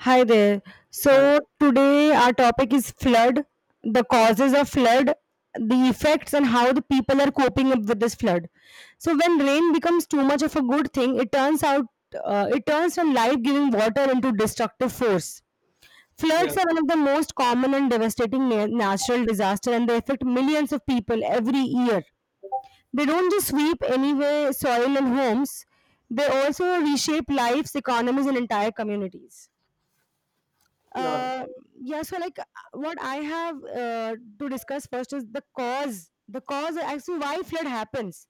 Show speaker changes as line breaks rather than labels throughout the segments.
Hi there.
Hi.
So Today our topic is flood, the causes of flood, the effects and how the people are coping up with this flood. So when rain becomes too much of a good thing, it turns out it turns from life-giving water into destructive force.
Yeah,
Floods are one of the most common and devastating natural disaster and they affect millions of people every year. They don't just sweep anyway soil and homes, they also reshape lives, economies and entire communities.
yeah,
uh, yeah so like uh, what I have to discuss first is the cause actually why flood happens.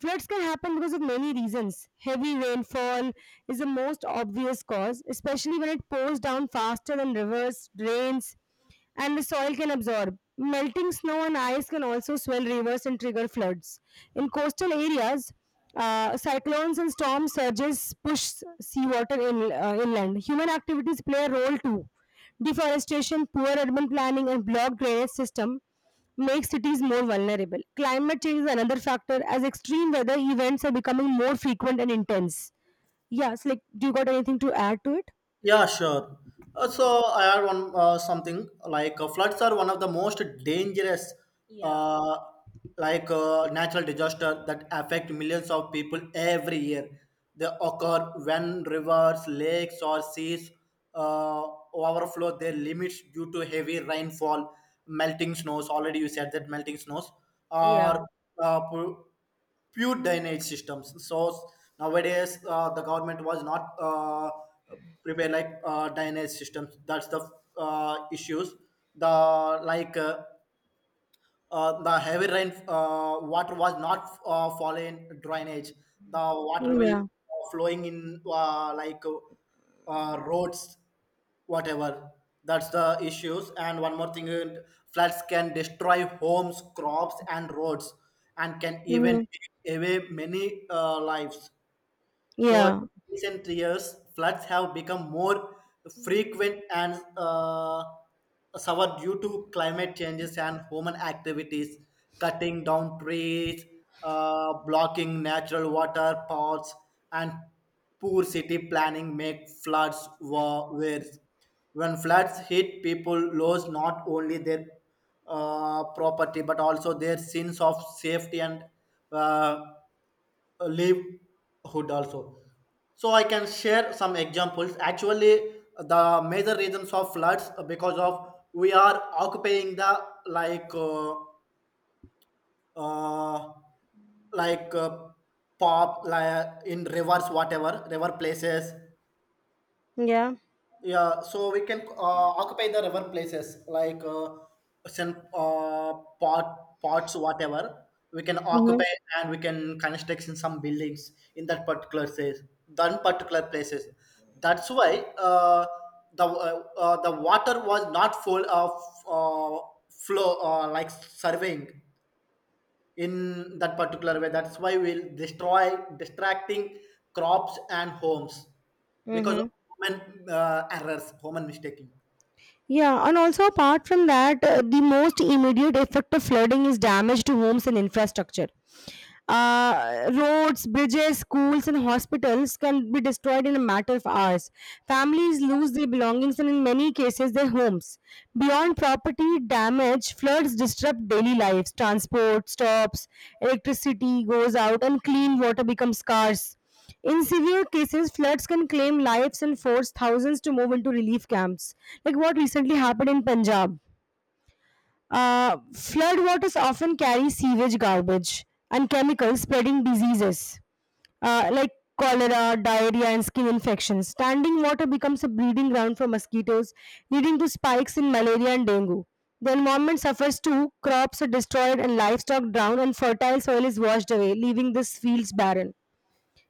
Floods can happen because of many reasons. Heavy rainfall is the most obvious cause, especially when it pours down faster than rivers drains and the soil can absorb. Melting snow and ice can also swell rivers and trigger floods. In coastal areas, cyclones and storm surges push seawater in, inland. Human activities play a role too. Deforestation, poor urban planning, and blocked drainage system make cities more vulnerable. Climate change is another factor as extreme weather events are becoming more frequent and intense. Yeah, so like, do you got anything to add to it?
yeah, sure. So I had one something like floods are one of the most dangerous, uh, like natural disaster that affect millions of people every year. They occur when rivers, lakes, or seas uh, overflow their limits due to heavy rainfall, melting snows. Already you said that melting snows
Yeah.
or uh, pure drainage systems. So nowadays, the government was not prepared like drainage systems. That's the issues. The like uh, the heavy rain, water was not falling drainage. The water will
Yeah.
flowing in like roads, whatever. That's the issues. And one more thing, floods can destroy homes, crops, and roads, and can even
Hmm.
take away many lives. So, in
Yeah.
recent years, floods have become more frequent and suffer due to climate changes and human activities, cutting down trees, blocking natural water paths, and poor city planning make floods worse. When floods hit, people lose not only their property but also their sense of safety and uh, livelihood also. So I can share some examples, actually the major reasons of floods because of we are occupying the like uh, uh, like uh, pop like in rivers, whatever river places.
Yeah.
Yeah, so we can occupy the river places like some pot, pots, whatever. We can
Mhm.
occupy and we can construct in some buildings in that particular place, that particular places. That's why the water was not full of uh, flow like surveying in that particular way. That's why we'll destroy distracting crops and homes because of
Mm-hmm.
human errors, human mistaking.
Yeah, and also apart from that, the most immediate effect of flooding is damage to homes and infrastructure. Roads, bridges, schools, and hospitals can be destroyed in a matter of hours. Families lose their belongings and, in many cases, their homes. Beyond property damage, floods disrupt daily lives. Transport stops, electricity goes out, and clean water becomes scarce. In severe cases, floods can claim lives and force thousands to move into relief camps, like what recently happened in Punjab. Flood waters often carry sewage garbage and chemicals spreading diseases, like cholera, diarrhea, and skin infections. Standing water becomes a breeding ground for mosquitoes, leading to spikes in malaria and dengue. The environment suffers too, crops are destroyed, and livestock drown, and fertile soil is washed away, leaving the fields barren.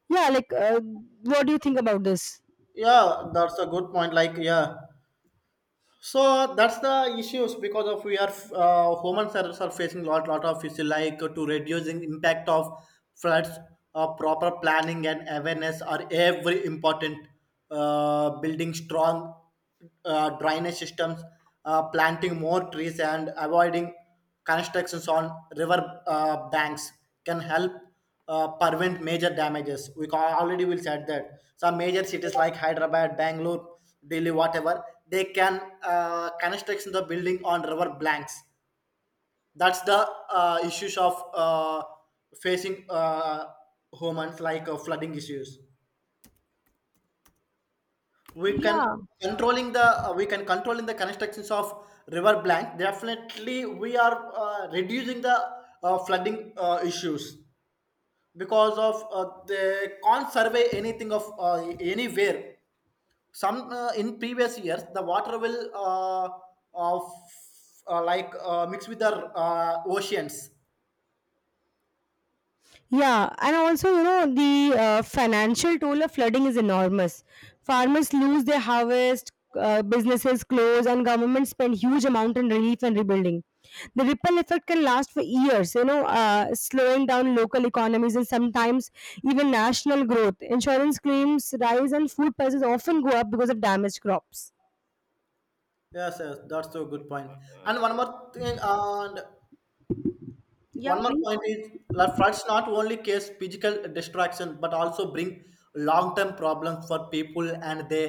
Yeah, like what do you think about this?
Yeah, that's a good point, like, yeah. So that's the issues because of we are, humans are facing lot of issues. Like to reducing impact of floods, proper planning and awareness are every important. Building strong drainage systems, planting more trees, and avoiding constructions on river banks can help prevent major damages. Already will said that some major cities like Hyderabad, Bangalore, Delhi, whatever, they can construct the building on river blanks. That's the issues of facing humans like flooding issues. We can we can controlling the constructions of river blank. Definitely, we are reducing the flooding issues, because of they can't survey anything of anywhere. Some in previous years the water will mix with the oceans.
Yeah, and also, the financial toll of flooding is enormous. Farmers lose their harvest, businesses close, and governments spend huge amount in relief and rebuilding. The ripple effect can last for years, slowing down local economies and sometimes even national growth. Insurance claims rise and food prices often go up because of damaged crops.
Yes, yes, that's a good point. And one more thing, and
Yeah,
one more
please.
point is that floods not only cause physical destruction but also bring long-term problems for people and the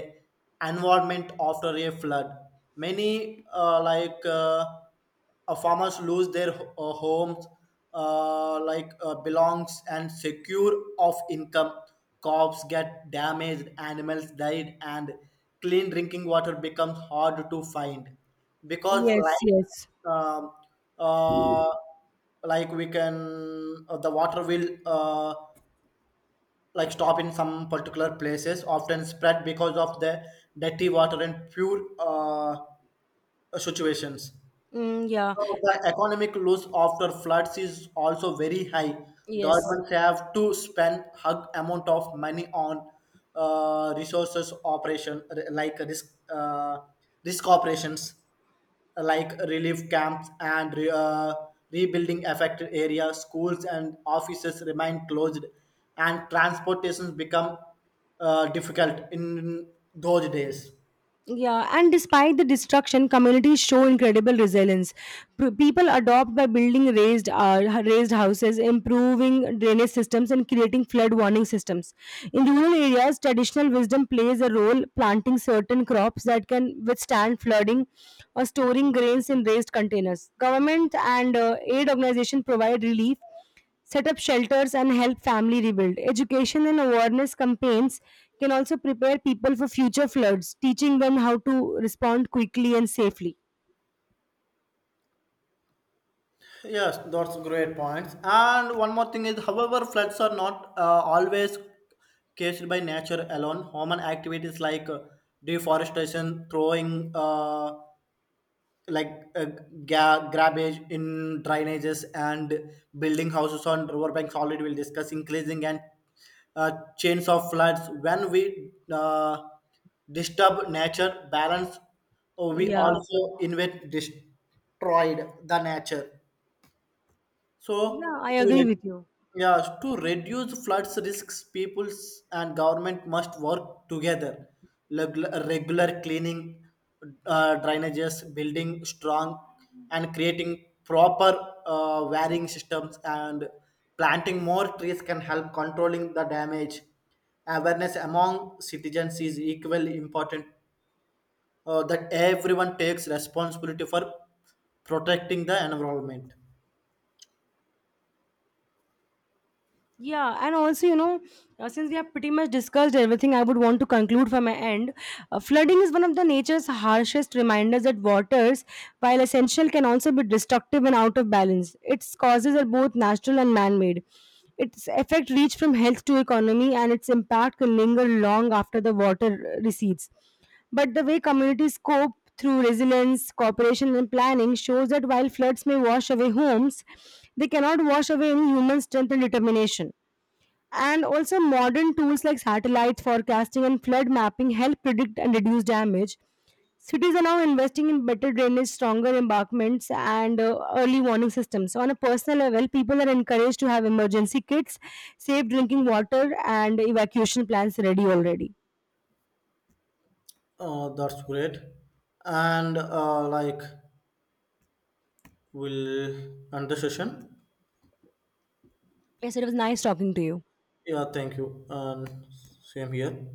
environment after a flood. Many farmers lose their homes, belongs and secure of income. Crops get damaged, animals died, and clean drinking water becomes hard to find, because
Yes, yes.
uh, like we can, the water will like stop in some particular places, often spread because of the dirty water and pure situations.
Mm, yeah,
So the economic loss after floods is also very high.
yes.
Governments have to spend hug amount of money on resources operation, like risk uh, risk operations, like relief camps and rebuilding affected areas. Schools and offices remain closed, and transportations become difficult in those days.
Yeah, and despite the destruction, communities show incredible resilience. People adopt by building raised houses, improving drainage systems, and creating flood warning systems. In rural areas, traditional wisdom plays a role, planting certain crops that can withstand flooding or storing grains in raised containers. Government and aid organizations provide relief, set up shelters and help family rebuild. Education and awareness campaigns can also prepare people for future floods, teaching them how to respond quickly and safely.
Yes, that's great points. And one more thing is, however, floods are not always caused by nature alone. Human activities like deforestation, throwing like uh, garbage in drainages, and building houses on riverbanks. Already, we'll discuss increasing and uh, chains of floods. When we disturb nature balance, we
Yeah,
also invade destroyed the nature. So,
yeah, I
to
agree
re-
with you.
yeah, to reduce floods risks, peoples and government must work together. Regular cleaning, drainages, building strong, and creating proper varying systems, and planting more trees can help controlling the damage. Awareness among citizens is equally important, that everyone takes responsibility for protecting the environment.
Yeah, and also, since we have pretty much discussed everything, I would want to conclude from my end. Flooding is one of the nature's harshest reminders that waters, while essential, can also be destructive and out of balance. Its causes are both natural and man made. Its effect reach from health to economy, and its impact can linger long after the water recedes. But the way communities cope through resilience, cooperation, and planning shows that while floods may wash away homes, they cannot wash away any human strength and determination. And also, modern tools like satellite forecasting and flood mapping help predict and reduce damage. Cities are now investing in better drainage, stronger embankments, and early warning systems. So, on a personal level, people are encouraged to have emergency kits, safe drinking water, and evacuation plans ready already.
That's great. And like, we'll end the session.
Yes, it was nice talking to you.
Yeah, thank you. And same here.